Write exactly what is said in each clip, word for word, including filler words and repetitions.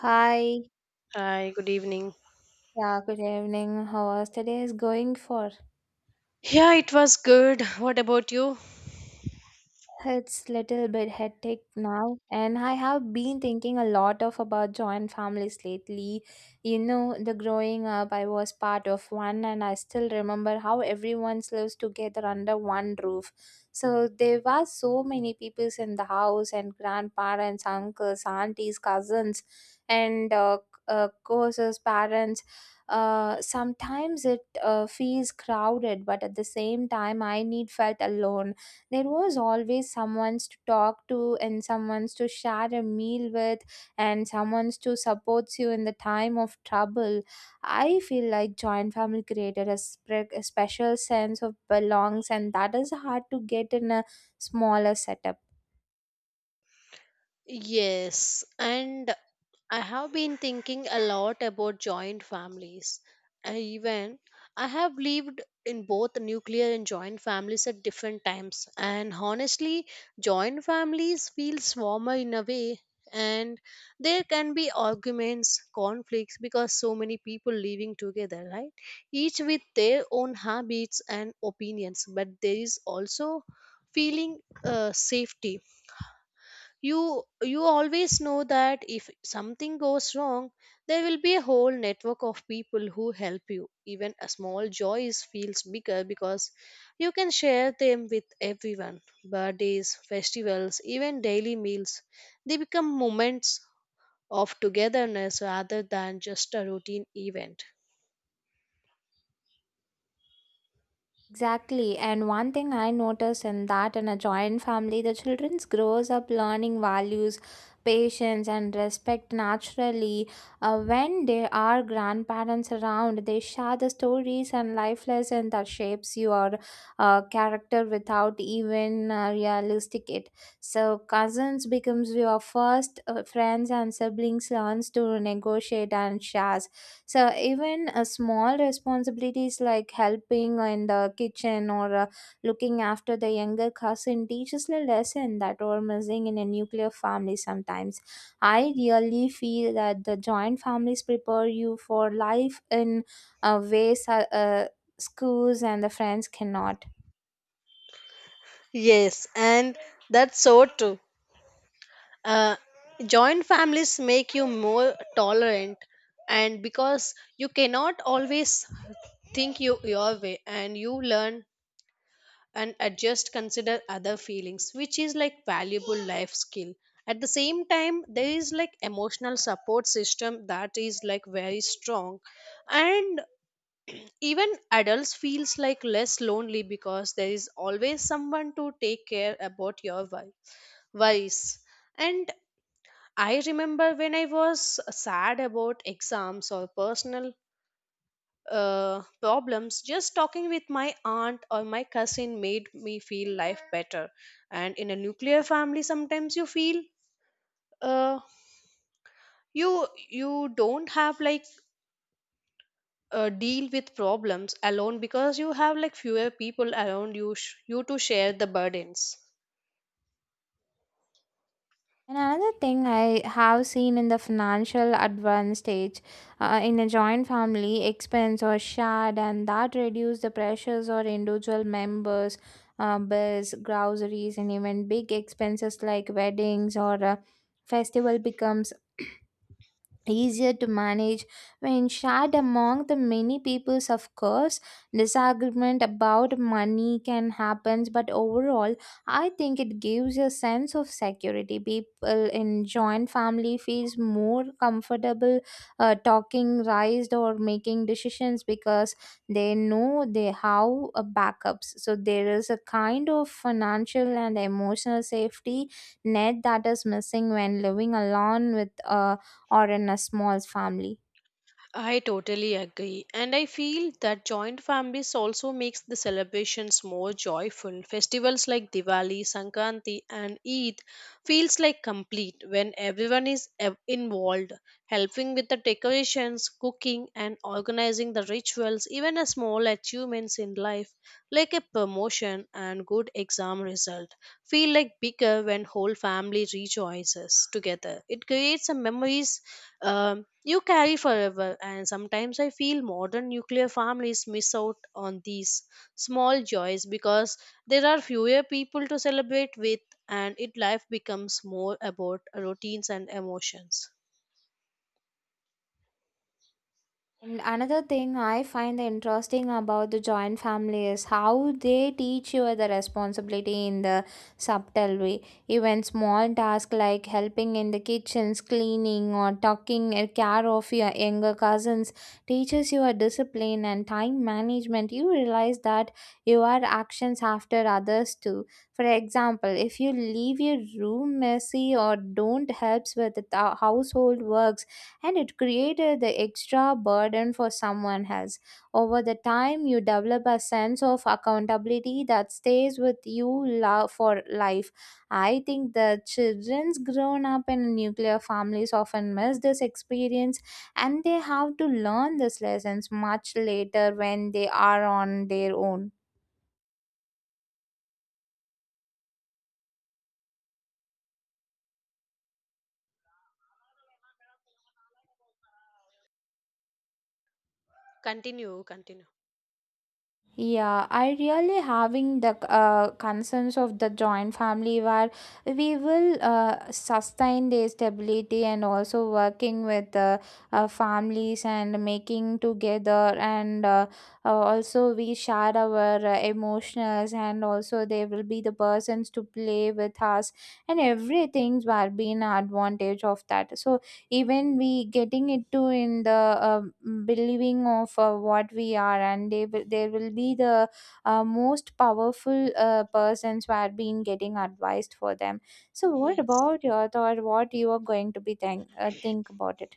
Hi, Hi, good evening. yeah, good evening. How was the is going for? Yeah, it was good. What about you? It's little bit hectic now, and I have been thinking a lot of about joint families lately. You know, the growing up, I was part of one, and I still remember how everyone lives together under one roof. So there were so many peoples in the house, and grandparents, uncles, aunties, cousins, and uh, c- uh, courses, parents. Uh, sometimes it uh, feels crowded, but at the same time, I need felt alone. There was always someone's to talk to and someone's to share a meal with, and someone's to support you in the time of trouble. I feel like joint family created a, spre- a special sense of belongs, and that is hard to get in a smaller setup. Yes, and I have been thinking a lot about joint families. I even I have lived in both nuclear and joint families at different times, and honestly, joint families feels warmer in a way. And there can be arguments, conflicts because so many people living together, right? Each with their own habits and opinions, but there is also feeling uh, safety. You you always know that if something goes wrong, there will be a whole network of people who help you. Even a small joy is feels bigger because you can share them with everyone: birthdays, festivals, even daily meals. They become moments of togetherness rather than just a routine event. Exactly. And one thing I noticed in that in a joint family, the children grows up learning values, patience, and respect naturally. Uh, when there are grandparents around, they share the stories and life lessons that shapes your uh, character without even uh, realistic it. So cousins becomes your first uh, friends, and siblings learns to negotiate and share. So even a small responsibilities like helping in the kitchen or uh, looking after the younger cousin teaches a lesson that were missing in a nuclear family sometimes. I really feel that the joint families prepare you for life in uh, ways uh, uh, schools and the friends cannot. Yes, and that's so true. uh, Joint families make you more tolerant, and because you cannot always think you your way, and you learn and adjust, consider other feelings, which is like valuable life skill. At the same time, there is like emotional support system that is like very strong, and even adults feels like less lonely, because there is always someone to take care about your wor- worries. And I remember when I was sad about exams or personal uh, problems, just talking with my aunt or my cousin made me feel life better. And in a nuclear family, sometimes you feel uh, you you don't have like uh, deal with problems alone, because you have like fewer people around you sh- you to share the burdens. And another thing I have seen in the financial advanced stage, uh, in a joint family, expense or shared, and that reduce the pressures or individual members, uh, bills, groceries, and even big expenses like weddings or uh, festival becomes easier to manage when shared among the many peoples. Of course disagreement about money can happen, but overall I think it gives a sense of security. People in joint family feels more comfortable uh, talking raised or making decisions because they know they have a backups. So there is a kind of financial and emotional safety net that is missing when living alone with uh, or in a small family. I totally agree. And I feel that joint families also makes the celebrations more joyful. Festivals like Diwali, Sankranti and Eid feels like complete when everyone is ev- involved, helping with the decorations, cooking and organizing the rituals. Even a small achievements in life, like a promotion and good exam result, feel like bigger when whole family rejoices together. It creates a memories um, you carry forever. And sometimes I feel modern nuclear families miss out on these small joys because there are fewer people to celebrate with, and it life becomes more about routines and emotions. And another thing I find interesting about the joint family is how they teach you the responsibility in the subtle way. Even small tasks like helping in the kitchens, cleaning, or taking a care of your younger cousins teaches you a discipline and time management. You realize that your actions after others too. For example, if you leave your room messy or don't help with the household works, and it created the extra burden for someone else. Over the time, you develop a sense of accountability that stays with you lo- for life. I think the children's grown up in nuclear families often miss this experience, and they have to learn these lessons much later when they are on their own. Continue, continue. Yeah, I really having the uh, concerns of the joint family where we will uh, sustain the stability, and also working with uh, uh, families and making together, and uh, uh, also we share our uh, emotions, and also they will be the persons to play with us, and everything's will be an advantage of that. So even we getting it to in the uh, believing of uh, what we are, and they will, there will be the uh, most powerful uh, persons who have been getting advised for them. So what Yes. about your thought? What you are going to be think, uh, think about it?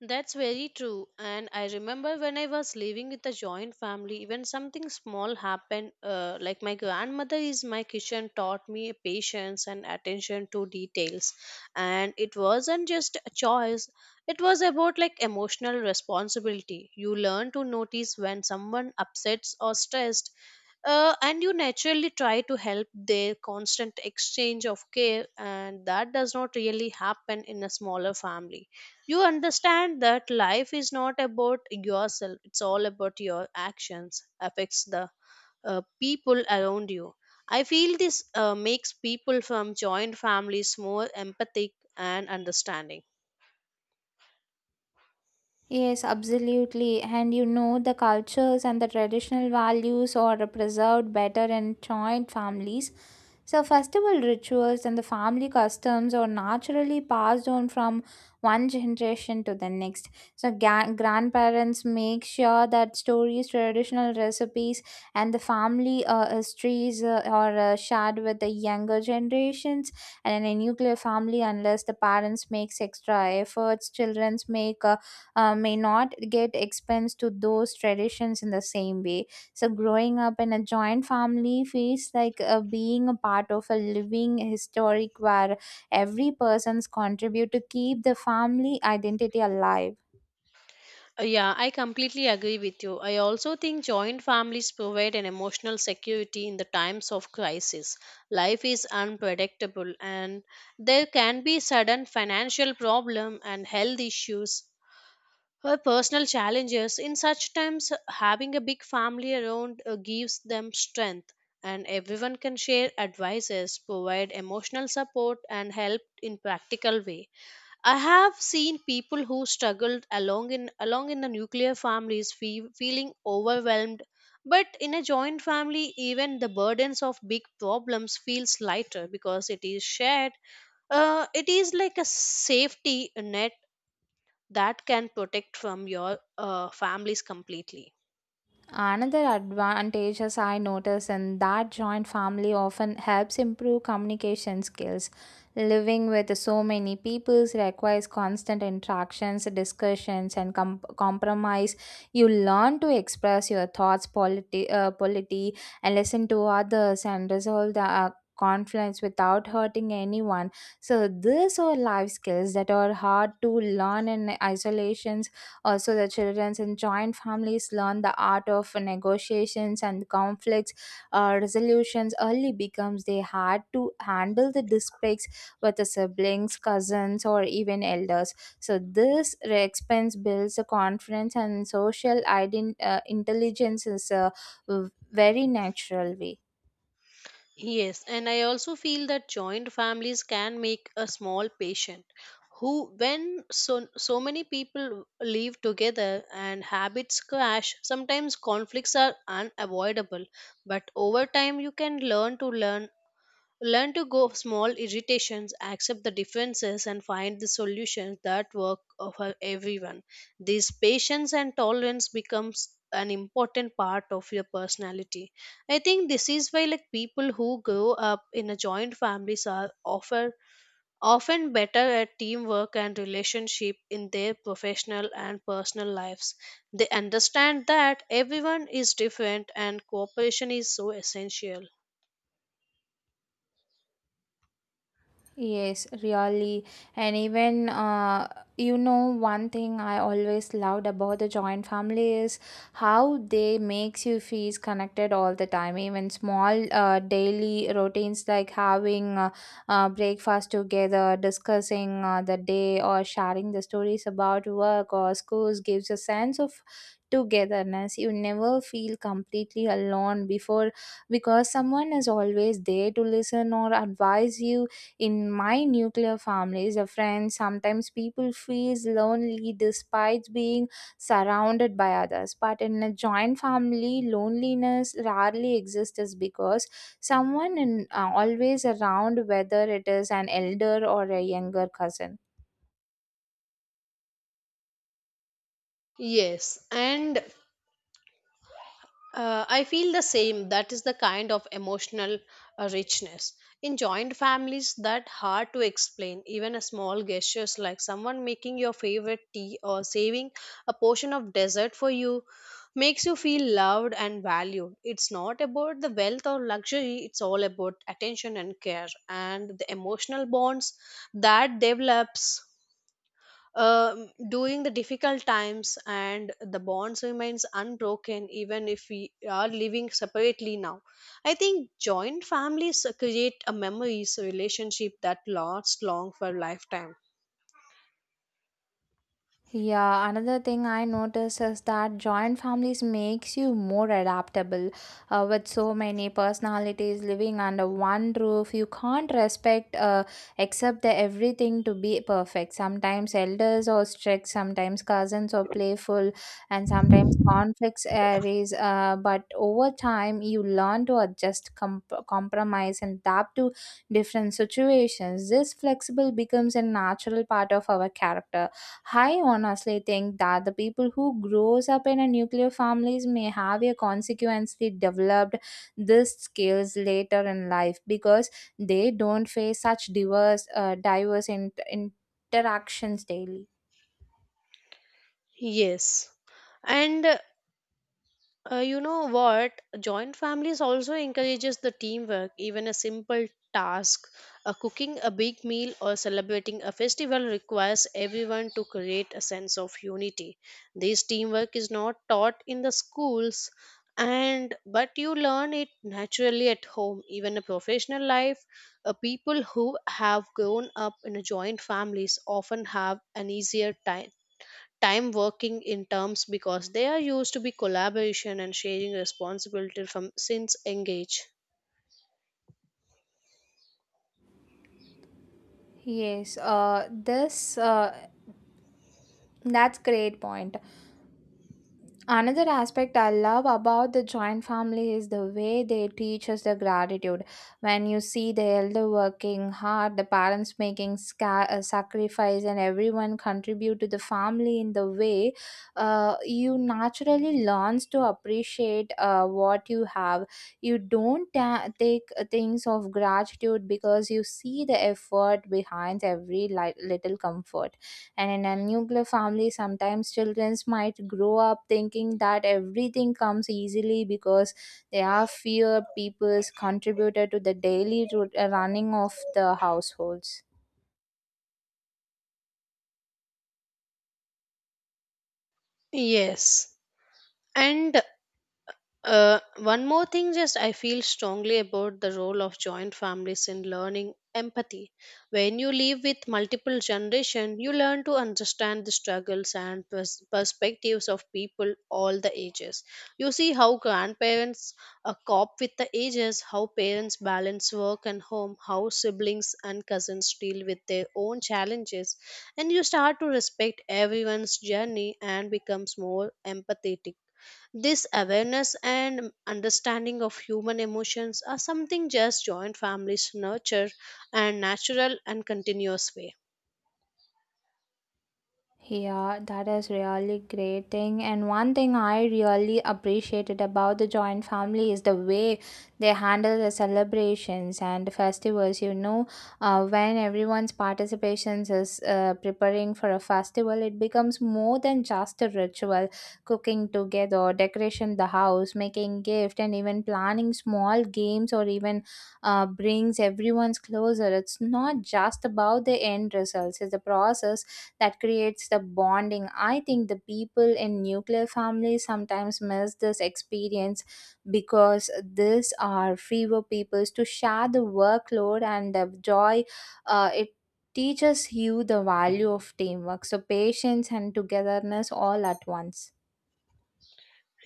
That's very true. And I remember when I was living with a joint family, when something small happened, uh, like my grandmother is my kitchen taught me patience and attention to details. And it wasn't just a choice, it was about like emotional responsibility. You learn to notice when someone upsets or stressed. Uh, and you naturally try to help their constant exchange of care, and that does not really happen in a smaller family. You understand that life is not about yourself, it's all about your actions affects the uh, people around you. I feel this uh, makes people from joint families more empathic and understanding. Yes, absolutely. And you know, the cultures and the traditional values are preserved better in joint families. So, festival rituals and the family customs are naturally passed on from one generation to the next. So, ga- grandparents make sure that stories, traditional recipes, and the family uh, histories uh, are uh, shared with the younger generations. And in a nuclear family, unless the parents makes extra efforts, childrens make uh, uh, may not get expense to those traditions in the same way. So growing up in a joint family feels like uh, being a part of a living historic where every person's contribute to keep the family identity alive. Uh, yeah I completely agree with you. I also think joint families provide an emotional security in the times of crisis. Life is unpredictable and there can be sudden financial problem and health issues, her personal challenges. In such times, having a big family around uh, gives them strength, and everyone can share advices, provide emotional support and help in practical way. I have seen people who struggled along in along in the nuclear families fe- feeling overwhelmed, but in a joint family even the burdens of big problems feels lighter because it is shared. Uh, it is like a safety net that can protect from your uh, families completely. Another advantages I notice in that joint family often helps improve communication skills. Living with so many people requires constant interactions, discussions, and com- compromise. You learn to express your thoughts polity, uh, polity, and listen to others and resolve the uh, conflicts without hurting anyone. So these are life skills that are hard to learn in isolation. Also, the children in joint families learn the art of negotiations and conflicts uh, resolutions early becomes they had to handle the disputes with the siblings, cousins, or even elders. So this re- expense builds a confidence and social ident- uh, intelligence is a v- very natural way. Yes, and I also feel that joint families can make a small patient, who when so so many people live together and habits clash, sometimes conflicts are unavoidable, but over time you can learn to learn Learn to go small irritations, accept the differences, and find the solutions that work for everyone. This patience and tolerance becomes an important part of your personality. I think this is why like people who grow up in a joint families are offer often better at teamwork and relationship in their professional and personal lives. They understand that everyone is different and cooperation is so essential. Yes, really. And even, uh, you know, one thing I always loved about the joint family is how they makes you feel connected all the time. Even small uh, daily routines like having uh, uh, breakfast together, discussing uh, the day, or sharing the stories about work or schools gives a sense of togetherness. You never feel completely alone before, because someone is always there to listen or advise you. In my nuclear families, the friends sometimes people feels lonely despite being surrounded by others. But in a joint family, loneliness rarely exists because someone in, uh, always around, whether it is an elder or a younger cousin. Yes, and Uh, I feel the same. That is the kind of emotional uh, richness. In joint families, that hard to explain. Even a small gestures like someone making your favorite tea or saving a portion of dessert for you makes you feel loved and valued. It's not about the wealth or luxury, it's all about attention and care and the emotional bonds that develops um, during the difficult times, and the bonds remains unbroken even if we are living separately now. I think joint families uh, create a memories relationship that lasts long for lifetime. Yeah, another thing I notice is that joint families makes you more adaptable. Uh, with so many personalities living under one roof, you can't respect uh, accept the everything to be perfect. Sometimes elders are strict, sometimes cousins are playful, and sometimes conflicts arise. Uh, but over time, you learn to adjust, comp- compromise, and adapt to different situations. This flexible becomes a natural part of our character. I honestly think that the people who grows up in a nuclear families may have a consequently developed these skills later in life because they don't face such diverse uh, diverse in- interactions daily. Yes, and uh, Uh, you know what? Joint families also encourages the teamwork. Even a simple task, uh, cooking a big meal or celebrating a festival requires everyone to create a sense of unity. This teamwork is not taught in the schools, and but you learn it naturally at home. Even a professional life, uh, people who have grown up in a joint families often have an easier time time working in terms because they are used to be collaboration and sharing responsibility from since engage. Yes, uh, this uh, that's great point. Another aspect I love about the joint family is the way they teach us the gratitude. When you see the elder working hard, the parents making sca- uh, sacrifice, and everyone contribute to the family in the way, uh, you naturally learns to appreciate uh, what you have. You don't ta- take uh, things of gratitude because you see the effort behind every li- little comfort. And in a nuclear family, sometimes children might grow up thinking that everything comes easily because they are fewer people's contributor to the daily rut- uh, running of the households. Yes, and Uh, one more thing, just I feel strongly about the role of joint families in learning empathy. When you live with multiple generation, you learn to understand the struggles and pers- perspectives of people all the ages. You see how grandparents uh, cope with the ages, how parents balance work and home, how siblings and cousins deal with their own challenges, and you start to respect everyone's journey and becomes more empathetic. This awareness and understanding of human emotions are something just joint families nurture and natural and continuous way. Yeah, that is really great thing. And one thing I really appreciated about the joint family is the way they handle the celebrations and festivals. You know, uh, when everyone's participations is uh, preparing for a festival, it becomes more than just a ritual. Cooking together, decoration the house, making gift, and even planning small games or even uh, brings everyone's closer. It's not just about the end results; it's the process that creates the bonding. I think the people in nuclear families sometimes miss this experience because these are fewer peoples to share the workload and the joy. Uh, it teaches you the value of teamwork, so patience and togetherness all at once.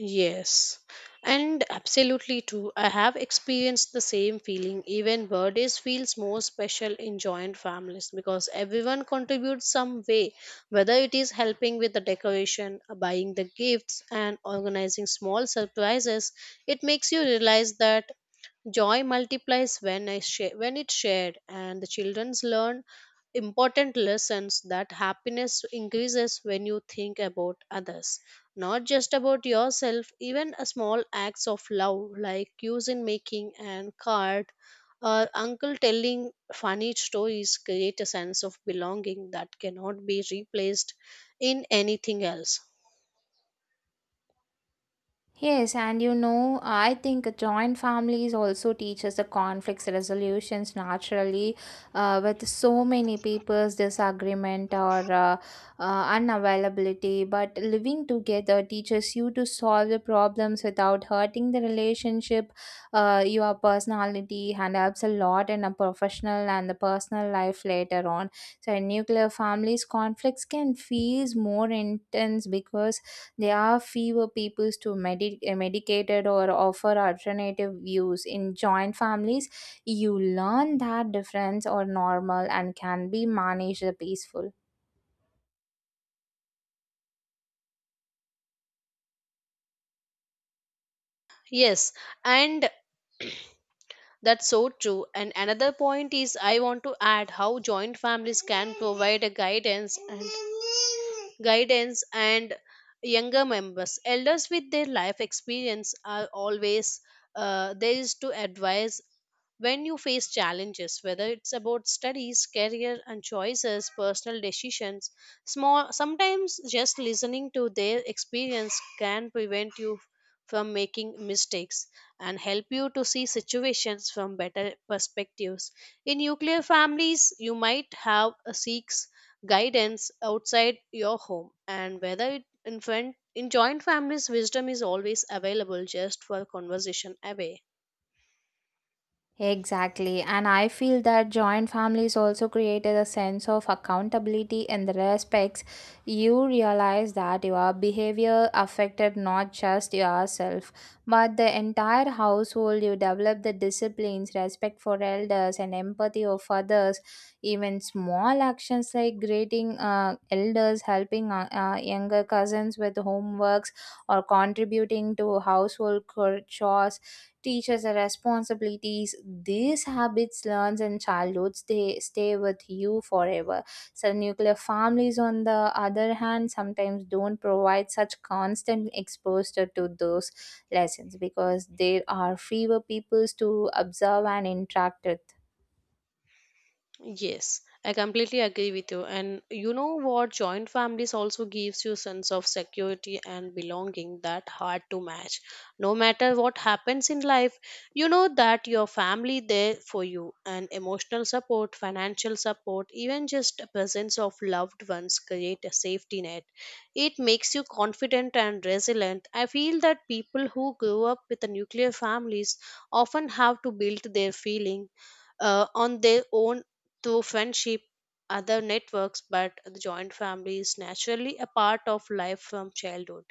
Yes, and absolutely true. I have experienced the same feeling. Even birthdays feels more special in joint families because everyone contributes some way, whether it is helping with the decoration, buying the gifts, and organizing small surprises. It makes you realize that joy multiplies when, I share, when it's shared, and the childrens learn important lessons that happiness increases when you think about others, not just about yourself. Even a small acts of love, like using making and card, or uncle telling funny stories, create a sense of belonging that cannot be replaced in anything else. Yes, and you know, I think joint families also teach us the conflicts resolutions naturally. Uh, with so many people's disagreement or uh, uh, unavailability, but living together teaches you to solve the problems without hurting the relationship. Uh, your personality and helps a lot in a professional and the personal life later on. So, in nuclear families, conflicts can feel more intense because there are fewer peoples to medi- uh, medicated or offer alternative views. In joint families, you learn that difference are normal and can be managed peacefully. Yes, and that's so true. And another point is I want to add how joint families can provide a guidance and guidance and younger members elders with their life experience are always uh, there is to advise when you face challenges, whether it's about studies, career and choices, personal decisions. Small sometimes just listening to their experience can prevent you from making mistakes and help you to see situations from better perspectives. In nuclear families you might have a six guidance outside your home and whether it in, friend, in joint families wisdom is always available just for conversation away. Exactly. And I feel that joint families also created a sense of accountability and the respects. You realize that your behavior affected not just yourself, but the entire household. You develop the disciplines, respect for elders, and empathy of others. Even small actions like greeting uh, elders, helping uh, uh, younger cousins with homeworks, or contributing to household chores teachers and responsibilities. These habits learns, in childhood they stay with you forever. So nuclear families on the other hand sometimes don't provide such constant exposure to those lessons because there are fewer people to observe and interact with. Yes, I completely agree with you. And you know what? Joint families also gives you sense of security and belonging that hard to match. No matter what happens in life, you know that your family there for you, and emotional support, financial support, even just a presence of loved ones create a safety net. It makes you confident and resilient. I feel that people who grow up with the nuclear families often have to build their feeling uh, on their own through friendship, other networks, but the joint family is naturally a part of life from childhood.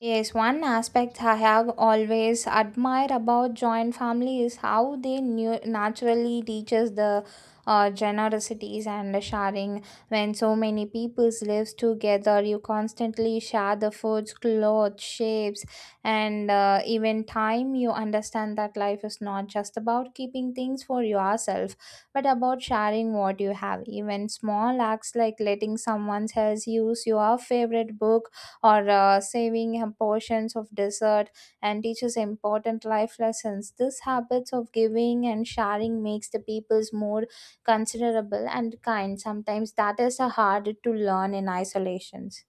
Yes, one aspect I have always admired about joint family is how they nu- naturally teaches the uh, generosities and the sharing. When so many peoples lives together, you constantly share the foods, clothes, shapes, and uh, even time. You understand that life is not just about keeping things for yourself, but about sharing what you have. Even small acts like letting someone else use your favorite book or uh, saving uh, portions of dessert and teaches important life lessons. This habits of giving and sharing makes the peoples more considerable and kind. Sometimes that is a hard to learn in isolations.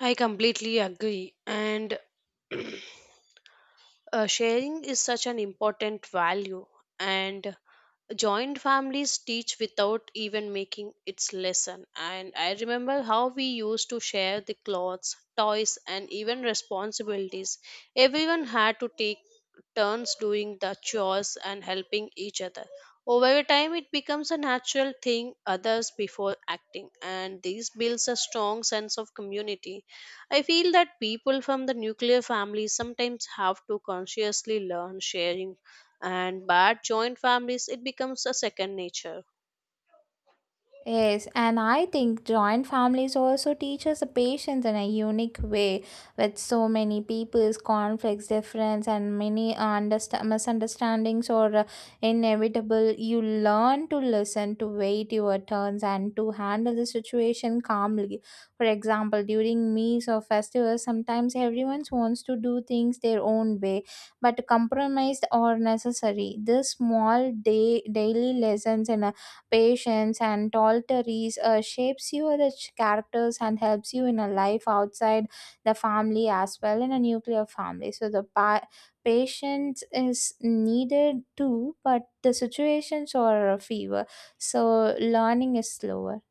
I completely agree, and uh, sharing is such an important value, and joint families teach without even making its lesson. And I remember how we used to share the clothes, toys and even responsibilities. Everyone had to take turns doing the chores and helping each other. Over time it becomes a natural thing others before acting, and this builds a strong sense of community. I feel that people from the nuclear family sometimes have to consciously learn sharing, and bad joint families it becomes a second nature. Yes, and I think joint families also teach us the patience in a unique way with so many people's conflicts, difference, and many understa- misunderstandings or uh, inevitable. You learn to listen, to wait your turns, and to handle the situation calmly. For example, during meals or festivals, sometimes everyone wants to do things their own way, but compromise are necessary. This small day daily lessons in a patience, and tolerances uh, shapes you the ch- characters and helps you in a life outside the family as well in a nuclear family. So the pa- patience is needed too, but the situations are fewer, so learning is slower.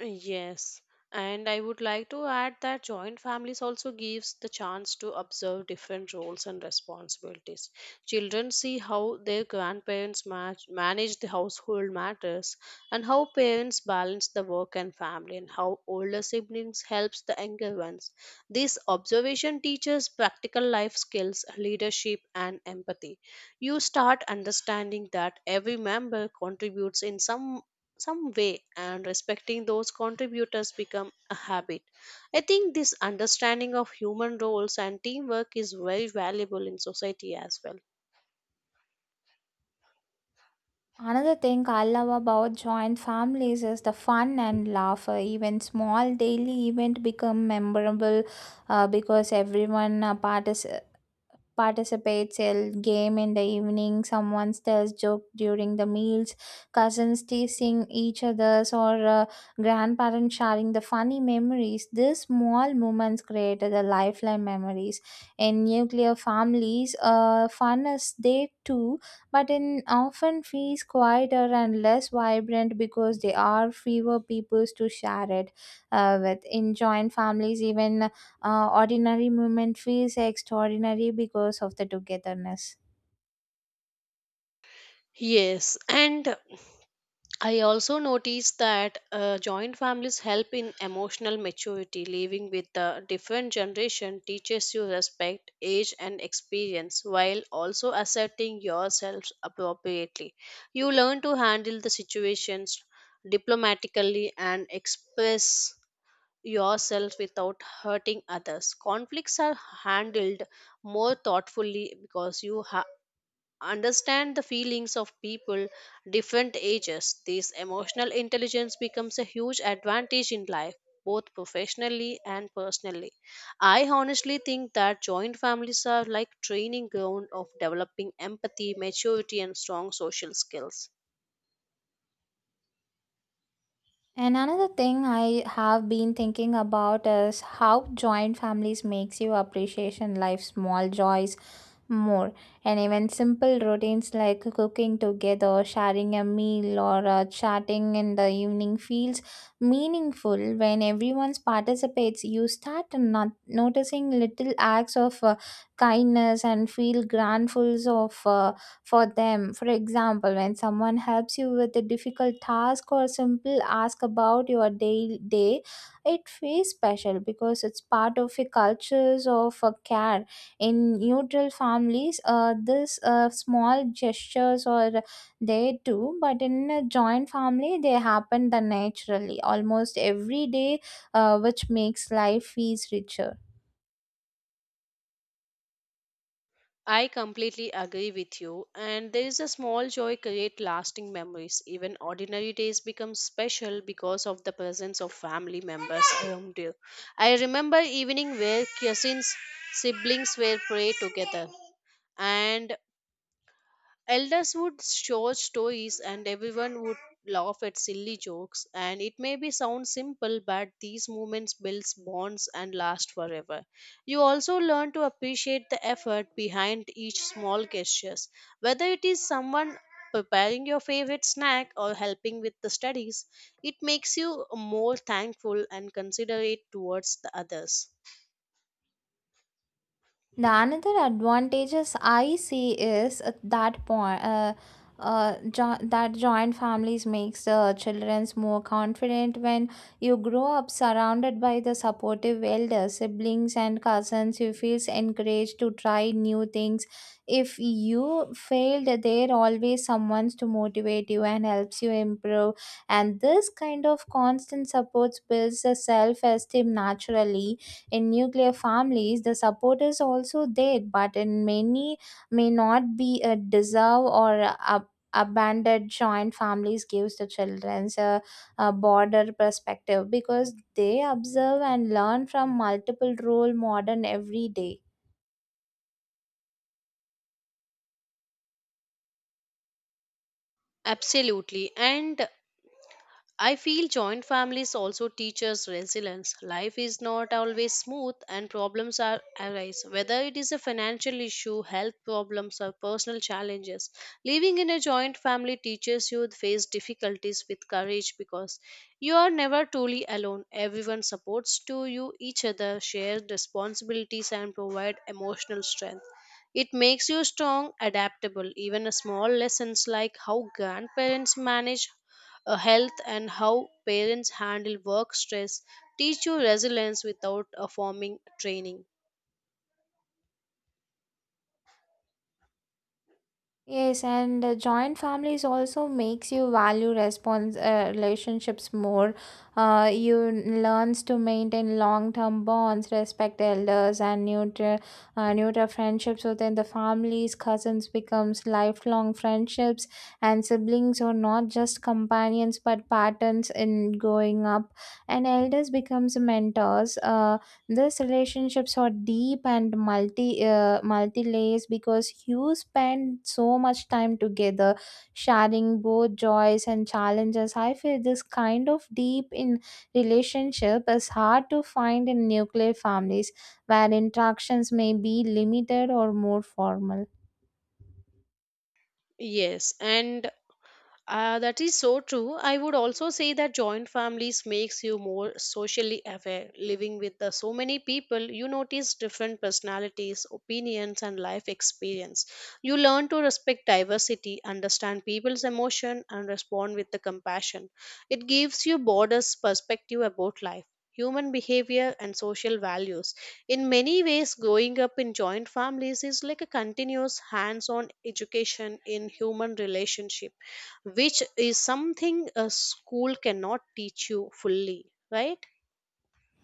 Yes, and I would like to add that joint families also gives the chance to observe different roles and responsibilities. Children see how their grandparents match, manage the household matters, and how parents balance the work and family, and how older siblings helps the younger ones. This observation teaches practical life skills, leadership and empathy. You start understanding that every member contributes in some some way, and respecting those contributors become a habit. I think this understanding of human roles and teamwork is very valuable in society as well. Another thing I love about joint families is the fun and laughter. Even small daily event become memorable uh, because everyone uh, participate participates in game in the evening, someone tells joke during the meals, cousins teasing each others, or uh, grandparents sharing the funny memories. These small moments create the lifelong memories. In nuclear families, uh, fun is there too, but in often feels quieter and less vibrant because there are fewer people to share it uh, with. In joint families, even uh, ordinary movement feels extraordinary because of the togetherness. Yes, and I also noticed that uh, joint families help in emotional maturity. Living with a different generation teaches you respect, age, and experience while also asserting yourself appropriately. You learn to handle the situations diplomatically and express yourself without hurting others. Conflicts are handled more thoughtfully because you understand the feelings of people different ages. This emotional intelligence becomes a huge advantage in life, both professionally and personally. I honestly think that joint families are like training ground of developing empathy, maturity and strong social skills. And another thing I have been thinking about is how joint families makes you appreciation life small joys more, and even simple routines like cooking together, sharing a meal, or uh, chatting in the evening feels meaningful when everyone participates. You start not noticing little acts of uh, kindness and feel grateful of uh, for them. For example, when someone helps you with a difficult task or simple ask about your day, day it feels special because it's part of a cultures of uh, care. In neutral families, uh, this uh, small gestures are there too, but in a joint family, they happen the naturally almost every day, uh, which makes life feels richer. I completely agree with you, and there is a small joy create lasting memories. Even ordinary days become special because of the presence of family members around you. I remember evening where cousins, siblings were pray together, and elders would show stories and everyone would laugh at silly jokes, and it may be sound simple but these moments builds bonds and last forever. You also learn to appreciate the effort behind each small gestures, whether it is someone preparing your favorite snack or helping with the studies. It makes you more thankful and considerate towards the others. The another advantages I see is at that point uh, uh, jo- that joint families makes the children's more confident. When you grow up surrounded by the supportive elders, siblings and cousins, you feels encouraged to try new things. If you failed, there always someone to motivate you and helps you improve. And this kind of constant supports builds the self-esteem naturally. In nuclear families, the support is also there, but in many may not be a deserve or a abandoned. Joint families gives the children a, a broader perspective because they observe and learn from multiple role modern every day. Absolutely, and I feel joint families also teach us resilience. Life is not always smooth and problems are arise, whether it is a financial issue, health problems, or personal challenges. Living in a joint family teaches you to face difficulties with courage because you are never truly alone. Everyone supports to you each other, shares responsibilities and provide emotional strength. It makes you strong, adaptable. Even a small lessons like how grandparents manage uh, health and how parents handle work stress teach you resilience without a forming training. Yes, and uh, joint families also makes you value response uh, relationships more. Uh, you n- learns to maintain long term bonds, respect elders, and nurture uh, nurture friendships within the families. Cousins becomes lifelong friendships, and siblings are not just companions but partners in growing up. And elders becomes mentors. Uh, these relationships are deep and multi uh, multi-layers because you spend so much time together, sharing both joys and challenges. I feel this kind of deep in relationship is hard to find in nuclear families where interactions may be limited or more formal. Yes, and Uh, that is so true. I would also say that joint families makes you more socially aware. Living with the so many people, you notice different personalities, opinions, and life experience. You learn to respect diversity, understand people's emotion, and respond with the compassion. It gives you borders perspective about life. Human behavior and social values. In many ways, growing up in joint families is like a continuous hands on education in human relationship, which is something a school cannot teach you fully, right?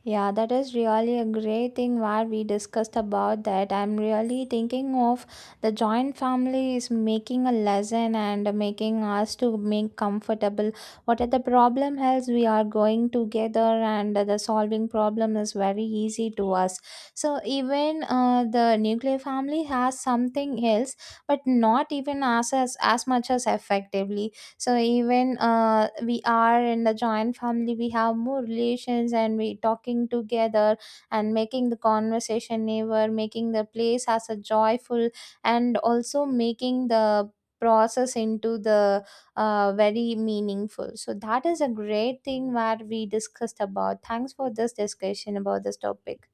Yeah, that is really a great thing where we discussed about that. I'm really thinking of the joint family is making a lesson and making us to make comfortable. What are the problem else we are going together, and the solving problem is very easy to us. So even uh, the nuclear family has something else, but not even as as, as much as effectively. So even uh, we are in the joint family, we have more relations, and we talking together and making the conversation, never making the place as a joyful, and also making the process into the uh, very meaningful. So that is a great thing where we discussed about. Thanks for this discussion about this topic.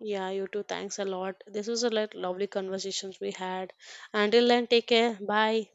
Yeah, you too. Thanks a lot, this was a lot lovely conversations we had. Until then, take care, bye.